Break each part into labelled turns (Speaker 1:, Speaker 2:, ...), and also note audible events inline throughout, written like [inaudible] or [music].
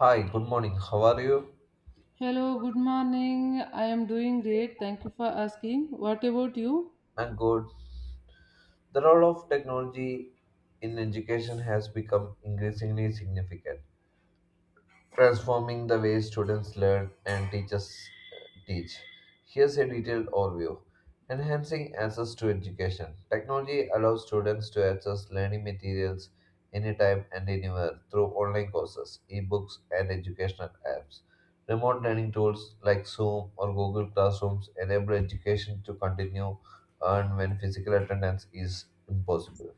Speaker 1: Hi, good morning. How are you?
Speaker 2: Hello, good morning. I am doing great. Thank you for asking. What about you?
Speaker 1: I'm good. The role of technology in education has become increasingly significant, transforming the way students learn and teachers teach. Here's a detailed overview. Enhancing access to education. Technology allows students to access learning materials anytime and anywhere through online courses, ebooks, and educational apps. Remote learning tools like Zoom or Google Classrooms enable education to continue and when physical attendance is impossible.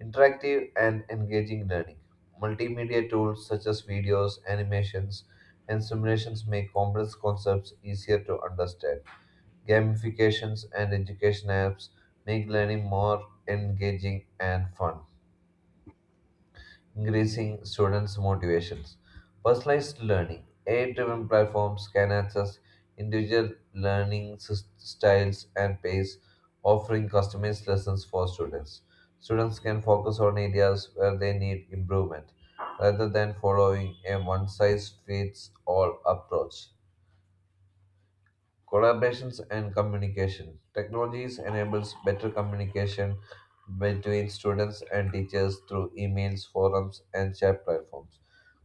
Speaker 1: Interactive and engaging learning. Multimedia tools such as videos, animations, and simulations make complex concepts easier to understand. Gamifications and education apps make learning more engaging and fun, increasing students' motivations. Personalized learning. AI-driven platforms can access individual learning styles and pace, offering customized lessons for students. Students can focus on areas where they need improvement rather than following a one-size-fits-all approach. Collaborations and communication. Technologies enables better communication between students and teachers through emails, forums, and chat platforms.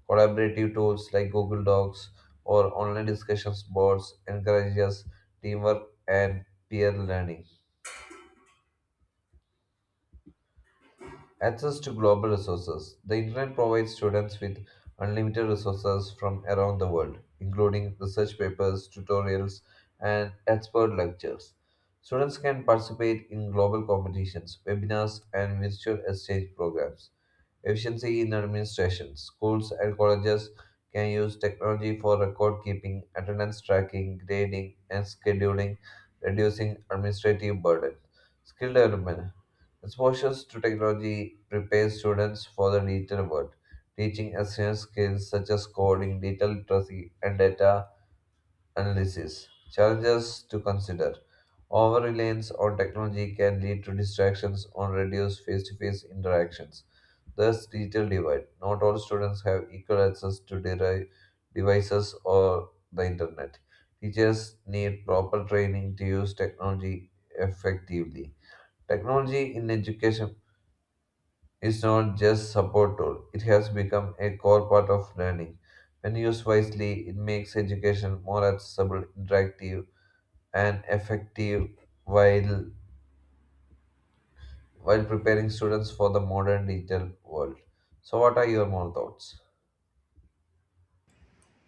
Speaker 1: Collaborative tools like Google Docs or online discussions boards encourages teamwork and peer learning. Access to global resources. The internet provides students with unlimited resources from around the world, including research papers, tutorials, and expert lectures. Students can participate in global competitions, webinars, and virtual exchange programs. Efficiency in administration. Schools and colleges can use technology for record keeping, attendance tracking, grading, and scheduling, reducing administrative burden. Skill development. Exposure to technology prepares students for the digital world, teaching essential skills such as coding, digital literacy, and data analysis. Challenges to consider. Over reliance on technology can lead to distractions or reduce face to face interactions. Thus, digital divide. Not all students have equal access to devices or the internet. Teachers need proper training to use technology effectively. Technology in education is not just support tool, it has become a core part of learning. When used wisely, it makes education more accessible, interactive, and effective while while preparing students for the modern digital world. So, what are your more thoughts?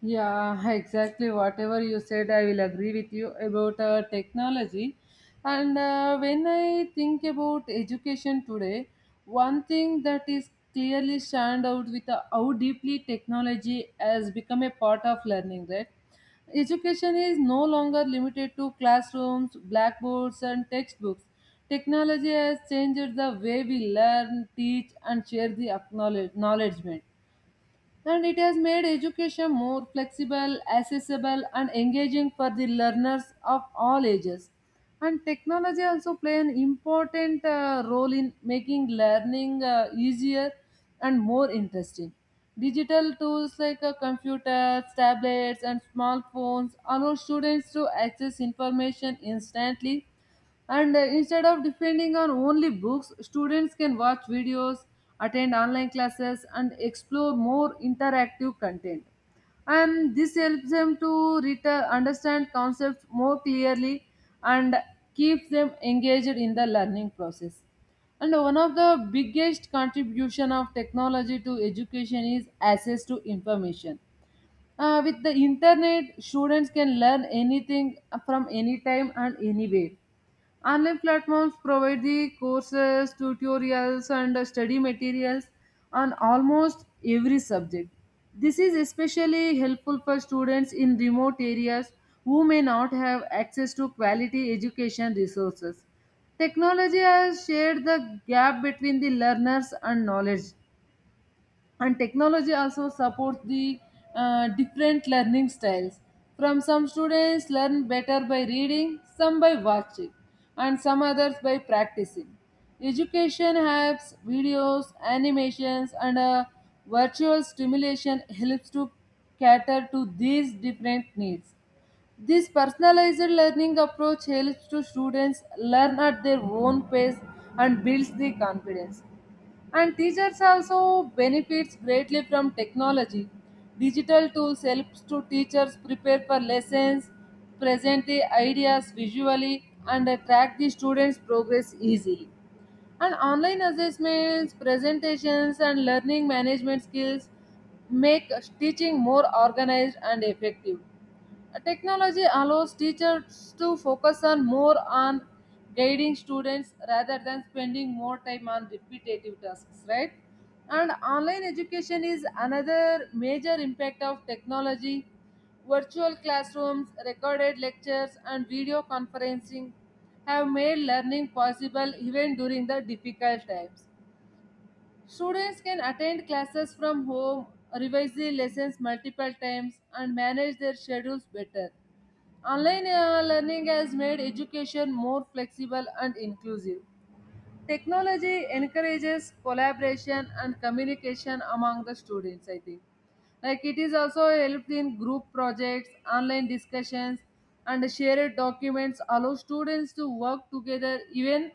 Speaker 2: Yeah, [laughs] exactly. Whatever you said, I will agree with you about technology. And when I think about education today, one thing that is clearly stand out with how deeply technology has become a part of learning, right? Education is no longer limited to classrooms, blackboards, and textbooks. Technology has changed the way we learn, teach, and share the acknowledgement, and it has made education more flexible, accessible, and engaging for the learners of all ages. And technology also play an important role in making learning easier and more interesting. Digital tools like computers, tablets, and smartphones allow students to access information instantly, and instead of depending on only books, students can watch videos, attend online classes, and explore more interactive content. And this helps them to understand concepts more clearly and keeps them engaged in the learning process. And one of the biggest contribution of technology to education is access to information. With the internet, students can learn anything from any time and anywhere. Online platforms provide the courses, tutorials, and study materials on almost every subject. This is especially helpful for students in remote areas who may not have access to quality education resources. Technology has shared the gap between the learners and knowledge, and technology also supports the different learning styles. From some students learn better by reading, some by watching, and some others by practicing. Education apps, videos, animations, and a virtual stimulation helps to cater to these different needs. This personalized learning approach helps to students learn at their own pace and builds the confidence. And teachers also benefits greatly from technology. Digital tools helps to teachers prepare for lessons, present the ideas visually, and track the students' progress easily. And online assessments, presentations, and learning management skills make teaching more organized and effective. Technology allows teachers to focus on more on guiding students rather than spending more time on repetitive tasks, right? And online education is another major impact of technology. Virtual classrooms, recorded lectures, and video conferencing have made learning possible even during the difficult times. Students can attend classes from home, revise the lessons multiple times, and manage their schedules better. Online learning has made education more flexible and inclusive. Technology encourages collaboration and communication among the students, I think. Like it is also helped in group projects, online discussions, and shared documents allow students to work together even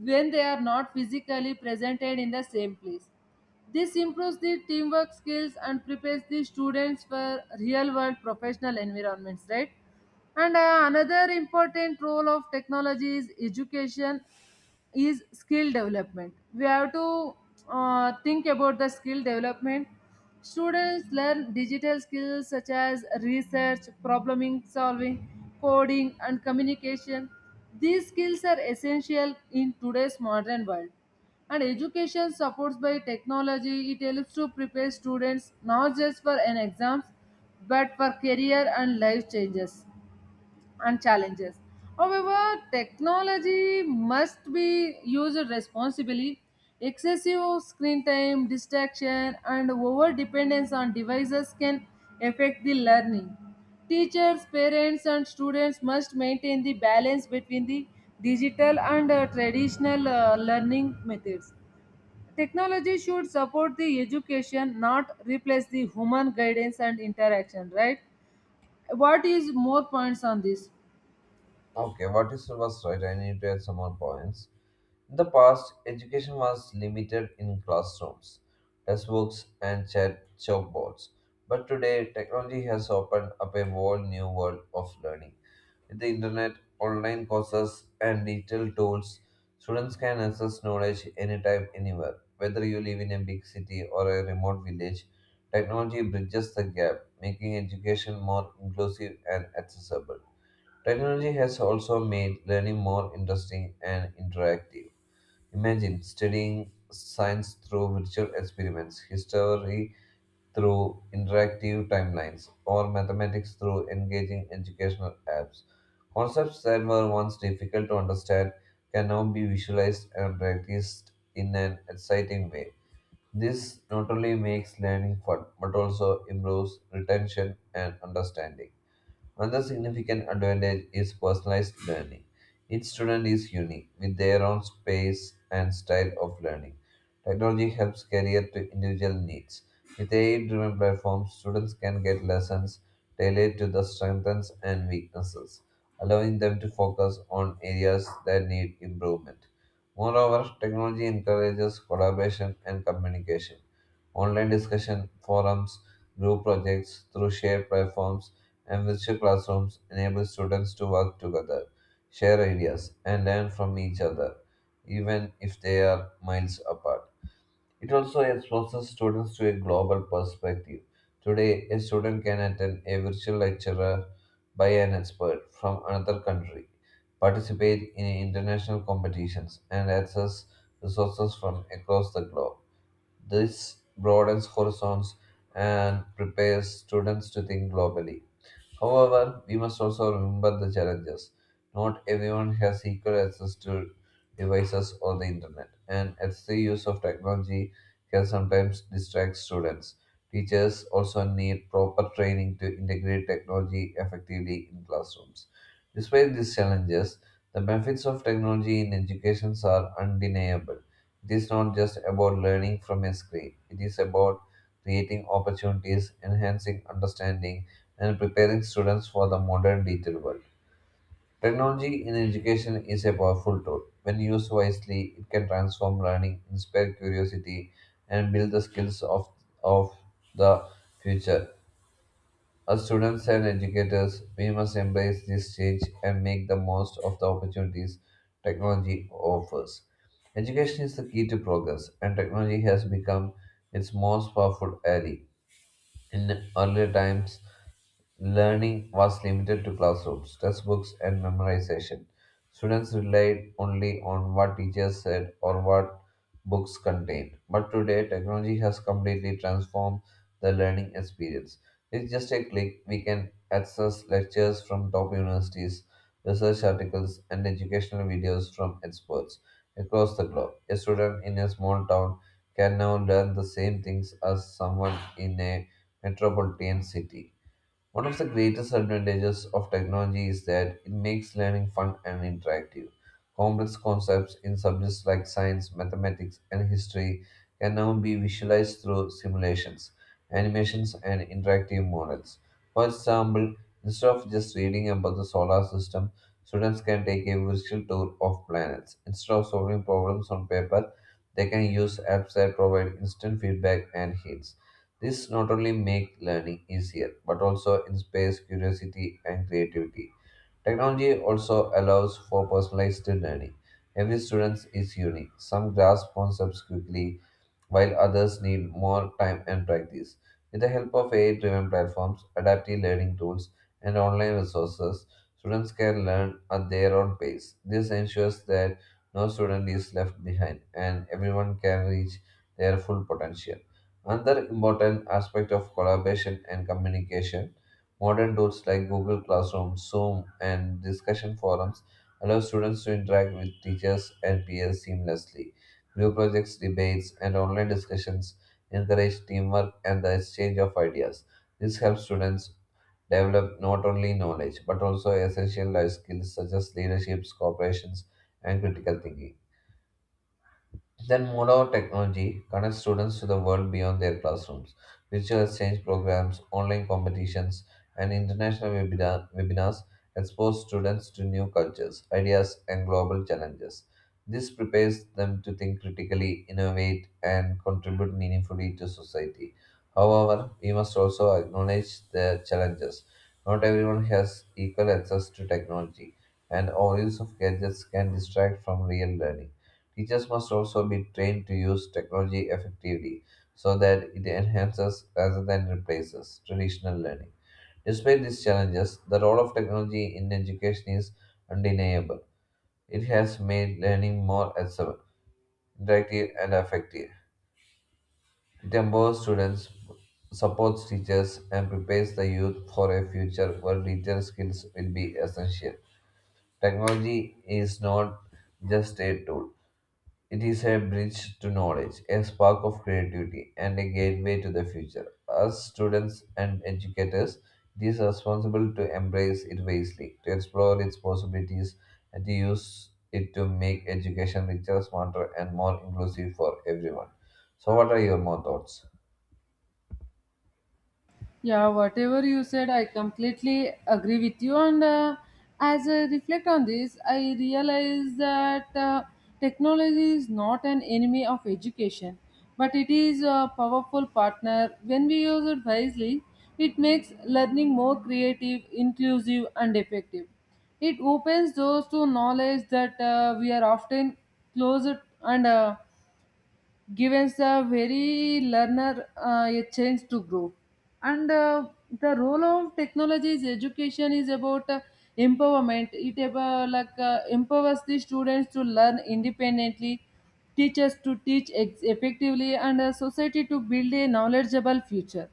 Speaker 2: when they are not physically presented in the same place. This improves the teamwork skills and prepares the students for real world professional environments, right? And another important role of technology is education is skill development. We have to think about the skill development. Students learn digital skills such as research, probleming solving, coding, and communication. These skills are essential in today's modern world. And education supports by technology, it helps to prepare students not just for an exams but for career and life changes and challenges. However, technology must be used responsibly. Excessive screen time, distraction, and over dependence on devices can affect the learning. Teachers, parents, and students must maintain the balance between the digital and traditional learning methods. Technology should support the education, not replace the human guidance and interaction, right? What is more points on this?
Speaker 1: Okay, what is was right? I need to add some more points. In the past, education was limited in classrooms, textbooks, and chat chalkboards. But today, technology has opened up a whole new world of learning. With the internet, online courses, and digital tools, students can access knowledge anytime, anywhere. Whether you live in a big city or a remote village, technology bridges the gap, making education more inclusive and accessible. Technology has also made learning more interesting and interactive. Imagine studying science through virtual experiments, history through interactive timelines, or mathematics through engaging educational apps. Concepts that were once difficult to understand can now be visualized and practiced in an exciting way. This not only makes learning fun but also improves retention and understanding. Another significant advantage is personalized learning. Each student is unique with their own space and style of learning. Technology helps cater to individual needs. With AI driven platforms, students can get lessons tailored to their strengths and weaknesses, allowing them to focus on areas that need improvement. Moreover, technology encourages collaboration and communication. Online discussion forums, group projects through shared platforms, and virtual classrooms enable students to work together, share ideas, and learn from each other, even if they are miles apart. It also exposes students to a global perspective. Today, a student can attend a virtual lecturer by an expert from another country, participate in international competitions, and access resources from across the globe. This broadens horizons and prepares students to think globally. However, we must also remember the challenges. Not everyone has equal access to devices or the internet, and excessive use of technology can sometimes distract students. Teachers also need proper training to integrate technology effectively in classrooms. Despite these challenges, the benefits of technology in education are undeniable. It is not just about learning from a screen, it is about creating opportunities, enhancing understanding, and preparing students for the modern digital world. Technology in education is a powerful tool. When used wisely, it can transform learning, inspire curiosity, and build the skills of the future. As students and educators, we must embrace this change and make the most of the opportunities technology offers. Education is the key to progress, and technology has become its most powerful ally. In earlier times, learning was limited to classrooms, textbooks, and memorization. Students relied only on what teachers said or what books contained. But today, technology has completely transformed the learning experience. With just a click, we can access lectures from top universities, research articles, and educational videos from experts across the globe. A student in a small town can now learn the same things as someone in a metropolitan city. One of the greatest advantages of technology is that it makes learning fun and interactive. Complex concepts in subjects like science, mathematics, and history can now be visualized through simulations, animations, and interactive models. For example, instead of just reading about the solar system, students can take a virtual tour of planets. Instead of solving problems on paper, they can use apps that provide instant feedback and hints. This not only make learning easier, but also inspires curiosity and creativity. Technology also allows for personalized learning. Every student is unique. Some grasp concepts quickly, while others need more time and practice. With the help of AI driven platforms, adaptive learning tools, and online resources, students can learn at their own pace. This ensures that no student is left behind and everyone can reach their full potential. Another important aspect of collaboration and communication. Modern tools like Google Classroom, Zoom, and discussion forums allow students to interact with teachers and peers seamlessly. Group projects, debates, and online discussions encourage teamwork and the exchange of ideas. This helps students develop not only knowledge but also essential life skills such as leaderships, cooperations, and critical thinking. Then modern technology connects students to the world beyond their classrooms. Virtual exchange programs, online competitions, and international webinars expose students to new cultures, ideas, and global challenges. This prepares them to think critically, innovate, and contribute meaningfully to society. However, we must also acknowledge the challenges. Not everyone has equal access to technology, and overuse of gadgets can distract from real learning. Teachers must also be trained to use technology effectively so that it enhances rather than replaces traditional learning. Despite these challenges, the role of technology in education is undeniable. It has made learning more accessible, interactive, and effective. It empowers students, supports teachers, and prepares the youth for a future where digital skills will be essential. Technology is not just a tool, it is a bridge to knowledge, a spark of creativity, and a gateway to the future. As students and educators, it is responsible to embrace it wisely, to explore its possibilities, and to use it to make education richer, smarter, and more inclusive for everyone. So, what are your more thoughts?
Speaker 2: Yeah, whatever you said, I completely agree with you. And as I reflect on this, I realize that technology is not an enemy of education, but it is a powerful partner. When we use it wisely, it makes learning more creative, inclusive, and effective. It opens doors to knowledge that we are often closed, and gives the very learner a chance to grow. And the role of technology is education is about empowerment. It about, like empowers the students to learn independently, teachers to teach effectively, and society to build a knowledgeable future.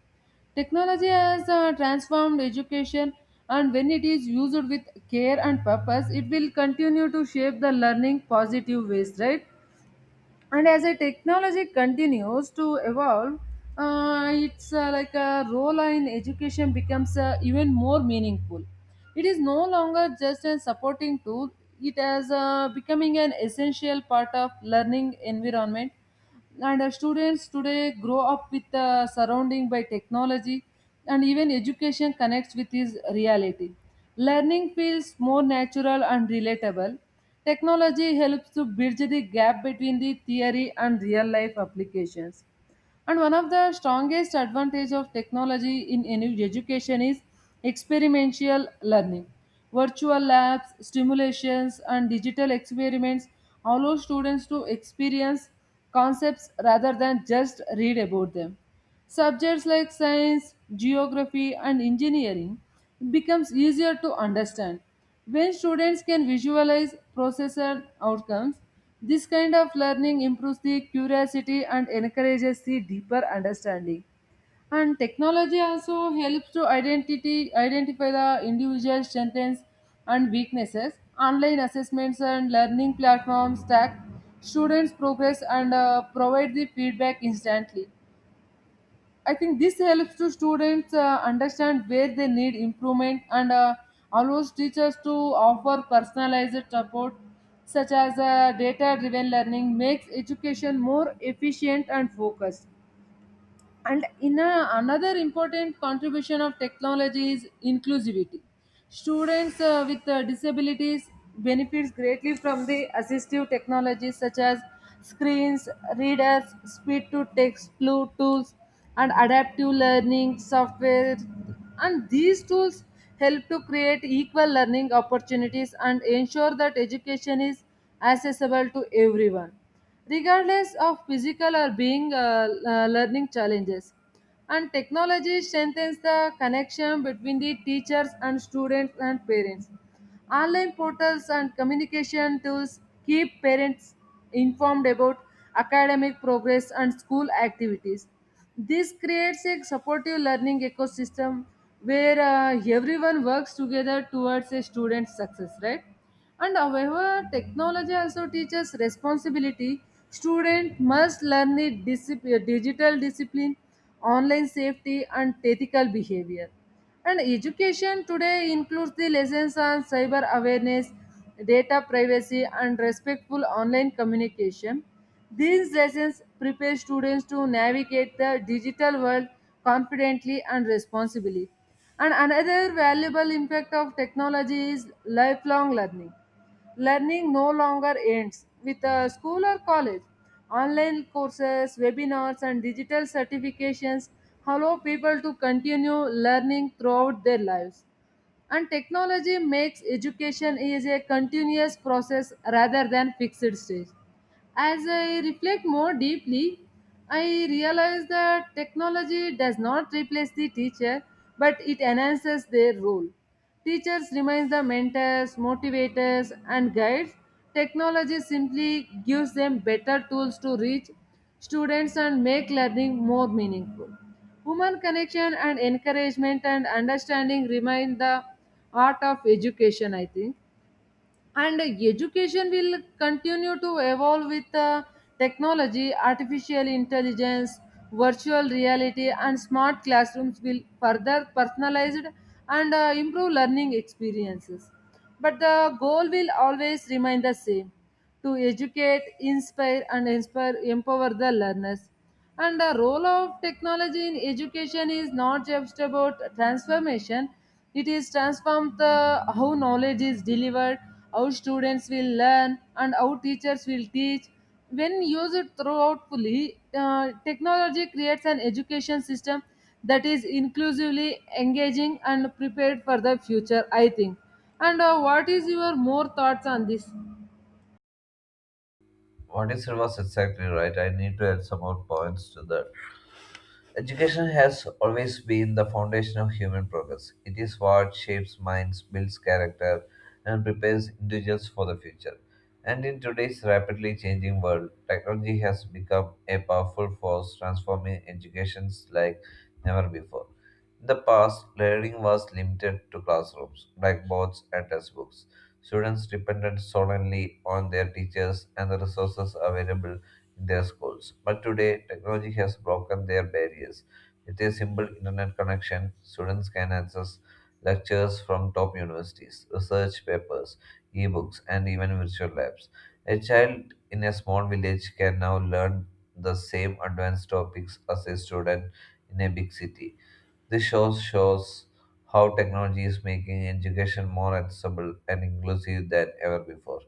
Speaker 2: Technology has transformed education, and when it is used with care and purpose, it will continue to shape the learning positive ways, right? And as a technology continues to evolve, it's like a role in education becomes even more meaningful. It is no longer just a supporting tool. It has becoming an essential part of learning environment. And students today grow up with surrounding by technology, and even education connects with his reality. Learning feels more natural and relatable. Technology helps to bridge the gap between the theory and real life applications. And one of the strongest advantage of technology in education is experiential learning. Virtual labs, simulations, and digital experiments allow students to experience concepts rather than just read about them. Subjects like science, geography, and engineering becomes easier to understand when students can visualize process and outcomes. This kind of learning improves the curiosity and encourages the deeper understanding. And technology also helps to identify the individual strengths and weaknesses. Online assessments and learning platforms track students' progress and provide the feedback instantly. I think this helps to students understand where they need improvement, and allows teachers to offer personalized support, such as data driven learning makes education more efficient and focused. And another important contribution of technology is inclusivity. Students with disabilities benefits greatly from the assistive technologies such as screens, readers, speed to text tools, and adaptive learning software. And these tools help to create equal learning opportunities and ensure that education is accessible to everyone regardless of physical or being learning challenges. And technology strengthens the connection between the teachers and students and parents. Online portals and communication tools keep parents informed about academic progress and school activities. This creates a supportive learning ecosystem where everyone works together towards a student's success, right? And however, technology also teaches responsibility. Student must learn the digital discipline, online safety, and ethical behavior. And education today includes the lessons on cyber awareness, data privacy, and respectful online communication. These lessons prepare students to navigate the digital world confidently and responsibly. And another valuable impact of technology is lifelong learning. Learning no longer ends with a school or college. Online courses, webinars, and digital certifications allow people to continue learning throughout their lives. And technology makes education is a continuous process rather than fixed stage. As I reflect more deeply, I realize that technology does not replace the teacher, but it enhances their role. Teachers remain the mentors, motivators, and guides. Technology simply gives them better tools to reach students and make learning more meaningful. Human connection and encouragement and understanding remain the art of education, I think. And education will continue to evolve with technology, artificial intelligence, virtual reality, and smart classrooms will further personalized and improve learning experiences. But the goal will always remain the same to educate, inspire, and empower the learners. And the role of technology in education is not just about transformation, it is transform the how knowledge is delivered, how students will learn, and how teachers will teach. When used throughout fully, technology creates an education system that is inclusively engaging and prepared for the future, I think. And what is your more thoughts on this?
Speaker 1: What is it was exactly right? I need to add some more points to that. Education has always been the foundation of human progress. It is what shapes minds, builds character, and prepares individuals for the future. And in today's rapidly changing world, technology has become a powerful force transforming educations like never before. In the past, learning was limited to classrooms, blackboards, and textbooks. Students depended solely on their teachers and the resources available in their schools. But today, technology has broken their barriers. With a simple internet connection, students can access lectures from top universities, research papers, ebooks, and even virtual labs. A child in a small village can now learn the same advanced topics as a student in a big city. This shows how technology is making education more accessible and inclusive than ever before.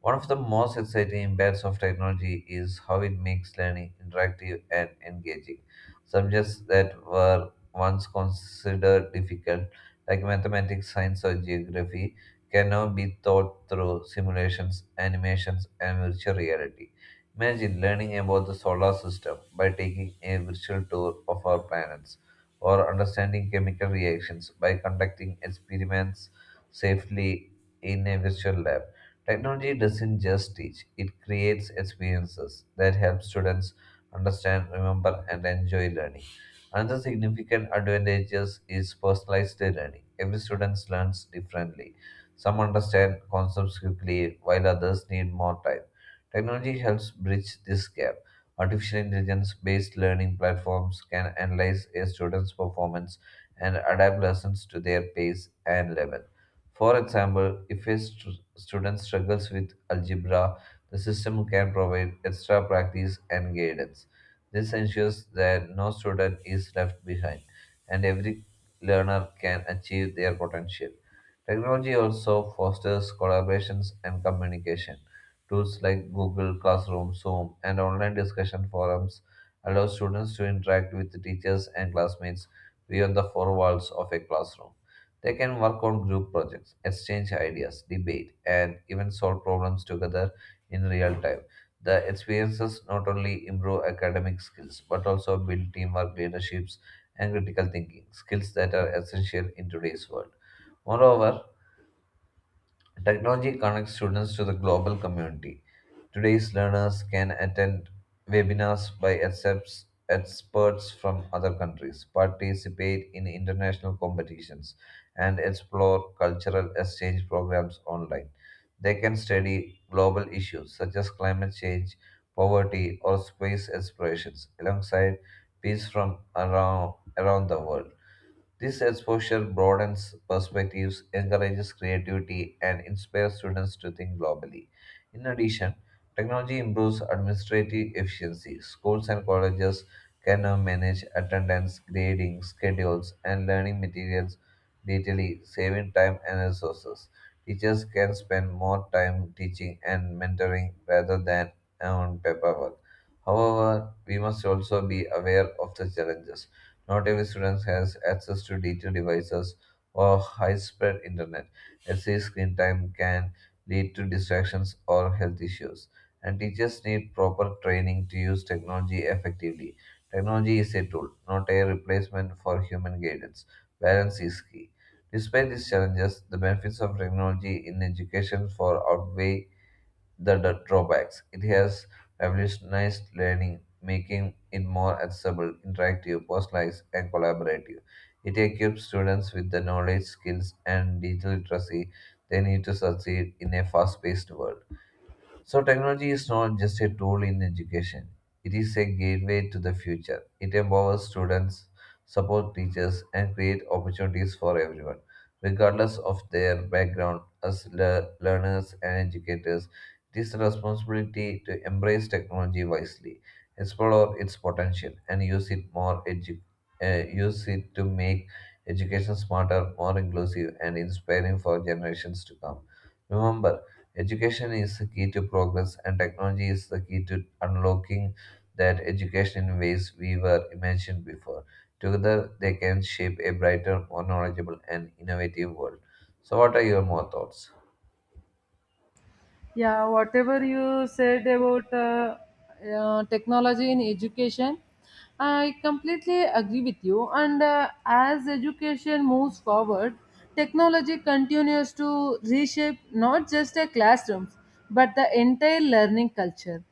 Speaker 1: One of the most exciting impacts of technology is how it makes learning interactive and engaging. Subjects that were once considered difficult, like mathematics, science, or geography, can now be taught through simulations, animations, and virtual reality. Imagine learning about the solar system by taking a virtual tour of our planets, or understanding chemical reactions by conducting experiments safely in a virtual lab. Technology doesn't just teach, it creates experiences that help students understand, remember, and enjoy learning. Another significant advantage is personalized learning. Every student learns differently. Some understand concepts quickly, while others need more time. Technology helps bridge this gap. Artificial intelligence based learning platforms can analyze a student's performance and adapt lessons to their pace and level. For example, if a student struggles with algebra, the system can provide extra practice and guidance. This ensures that no student is left behind and every learner can achieve their potential. Technology also fosters collaborations and communication. Tools like Google Classroom, Zoom, and online discussion forums allow students to interact with teachers and classmates beyond the four walls of a classroom. They can work on group projects, exchange ideas, debate, and even solve problems together in real time. The experiences not only improve academic skills but also build teamwork, leaderships, and critical thinking skills that are essential in today's world. Moreover, technology connects students to the global community. Today's learners can attend webinars by experts from other countries, participate in international competitions, and explore cultural exchange programs online. They can study global issues such as climate change, poverty, or space explorations alongside peace from around the world. This exposure broadens perspectives, encourages creativity, and inspires students to think globally. In addition, technology improves administrative efficiency. Schools and colleges can now manage attendance, grading, schedules, and learning materials digitally, saving time and resources. Teachers can spend more time teaching and mentoring rather than on paperwork. However, we must also be aware of the challenges. Not every student has access to digital devices or high-speed internet. Excessive screen time can lead to distractions or health issues. And teachers need proper training to use technology effectively. Technology is a tool, not a replacement for human guidance. Balance is key. Despite these challenges, the benefits of technology in education far outweigh the drawbacks. It has revolutionized learning, making it more accessible, interactive, personalized, and collaborative. It equips students with the knowledge, skills, and digital literacy they need to succeed in a fast paced world. So, technology is not just a tool in education, it is a gateway to the future. It empowers students, supports teachers, and creates opportunities for everyone, regardless of their background. As learners and educators, it is a responsibility to embrace technology wisely, explore its potential, and use it to make education smarter, more inclusive, and inspiring for generations to come. Remember, education is the key to progress, and technology is the key to unlocking that education in ways we were imagined before. Together, they can shape a brighter, more knowledgeable, and innovative world. So, what are your more thoughts?
Speaker 2: Yeah, whatever you said about technology in education, I completely agree with you. And as education moves forward, technology continues to reshape not just the classrooms but the entire learning culture.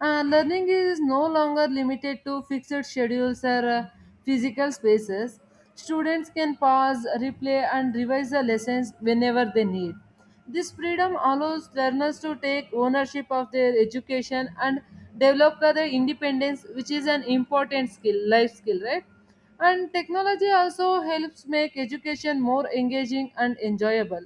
Speaker 2: Learning is no longer limited to fixed schedules or physical spaces. Students can pause, replay, and revise the lessons whenever they need. This freedom allows learners to take ownership of their education and develop their independence, which is an important skill, life skill, right? And technology also helps make education more engaging and enjoyable.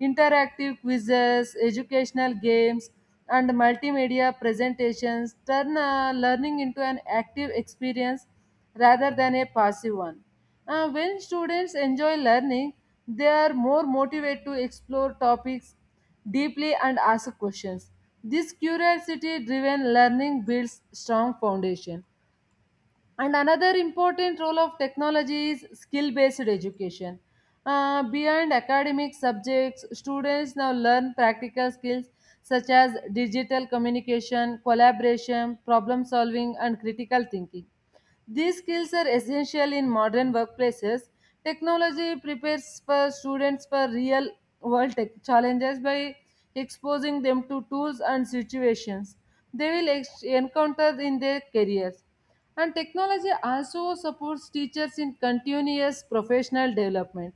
Speaker 2: Interactive quizzes, educational games, and multimedia presentations turn learning into an active experience rather than a passive one. When students enjoy learning, they are more motivated to explore topics deeply and ask questions. This curiosity driven learning builds strong foundation. And another important role of technology is skill based education. Beyond academic subjects, students now learn practical skills such as digital communication, collaboration, problem solving, and critical thinking. These skills are essential in modern workplaces. Technology prepares for students for real world tech challenges by exposing them to tools and situations they will encounter in their careers. And technology also supports teachers in continuous professional development.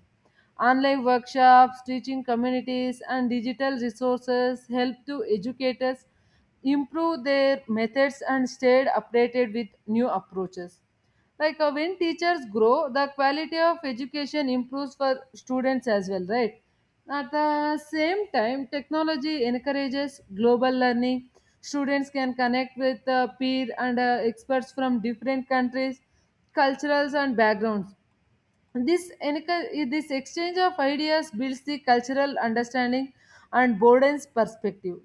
Speaker 2: Online workshops, teaching communities, and digital resources help to educators improve their methods and stay updated with new approaches. Like when teachers grow, the quality of education improves for students as well, right? At the same time, technology encourages global learning. Students can connect with peer and experts from different countries, cultures, and backgrounds. This exchange of ideas builds the cultural understanding and broadens perspective.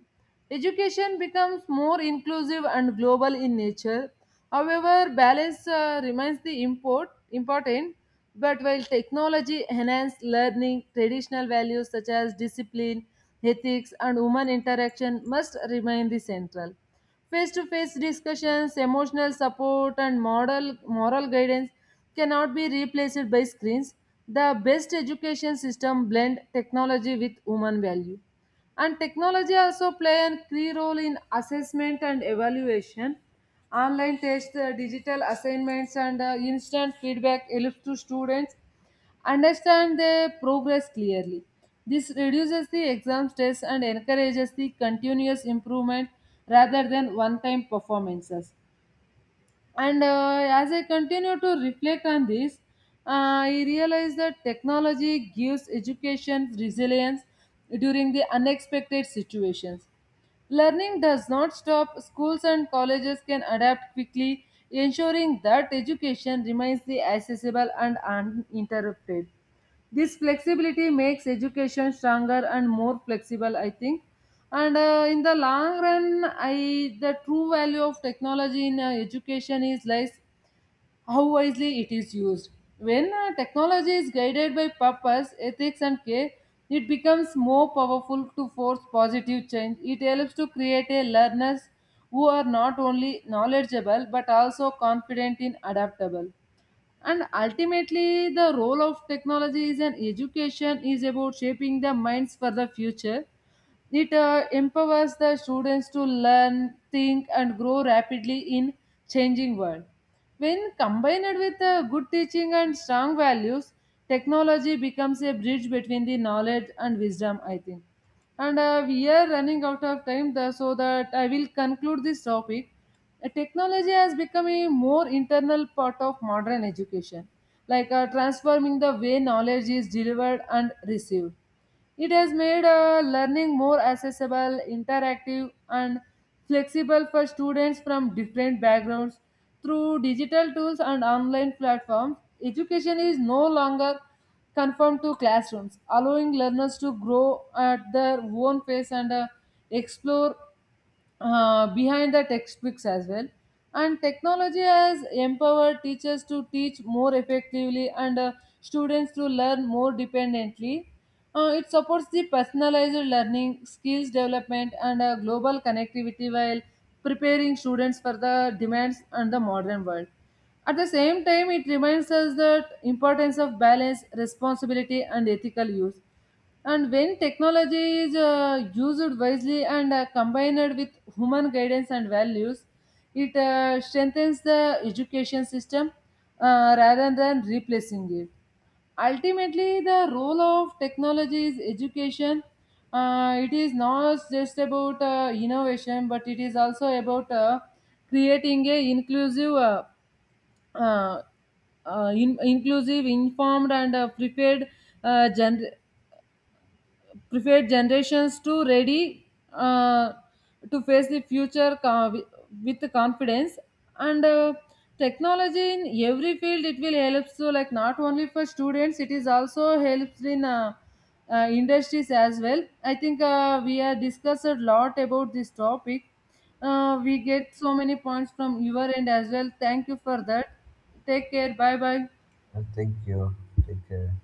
Speaker 2: Education becomes more inclusive and global in nature. However, balance remains the important, but while technology enhances learning, traditional values such as discipline, ethics, and human interaction must remain the central. Face to face discussions, emotional support, and moral guidance cannot be replaced by screens. The best education system blend technology with human value. And technology also play a key role in assessment and evaluation. Online tests, digital assignments, and instant feedback helps to students understand their progress clearly. This reduces the exam stress and encourages the continuous improvement rather than one time performances. And as I continue to reflect on this, I realize that technology gives education resilience during the unexpected situations. Learning does not stop, schools and colleges can adapt quickly, ensuring that education remains the accessible and uninterrupted. This flexibility makes education stronger and more flexible, I think. And in the long run, I the true value of technology in education is lies how wisely it is used. When technology is guided by purpose, ethics, and care, it becomes more powerful to force positive change. It helps to create a learners who are not only knowledgeable but also confident in adaptable. And ultimately, the role of technology is in education is about shaping the minds for the future. It empowers the students to learn, think, and grow rapidly in changing world. When combined with good teaching and strong values, technology becomes a bridge between the knowledge and wisdom, I think. And we are running out of time, so that I will conclude this topic. Technology has become a more internal part of modern education, like transforming the way knowledge is delivered and received. It has made learning more accessible, interactive, and flexible for students from different backgrounds. Through digital tools and online platforms, education is no longer confined to classrooms, allowing learners to grow at their own pace and explore behind the textbooks as well. And technology has empowered teachers to teach more effectively and students to learn more dependently. It supports the personalized learning, skills development, and global connectivity while preparing students for the demands and the modern world. At the same time, it reminds us that importance of balance, responsibility, and ethical use, and when technology is used wisely and combined with human guidance and values, it strengthens the education system rather than replacing it. Ultimately, the role of technology is education. It is not just about innovation, but it is also about creating a inclusive, uh, inclusive, informed, and prepared uh, gener- prepared generations to ready uh, to face the future with confidence, and technology in every field it will help, so like not only for students, it is also helps in industries as well, I think. We have discussed a lot about this topic. We get so many points from your end as well. Thank you for that. Take care, bye bye.
Speaker 1: Thank you. Take care.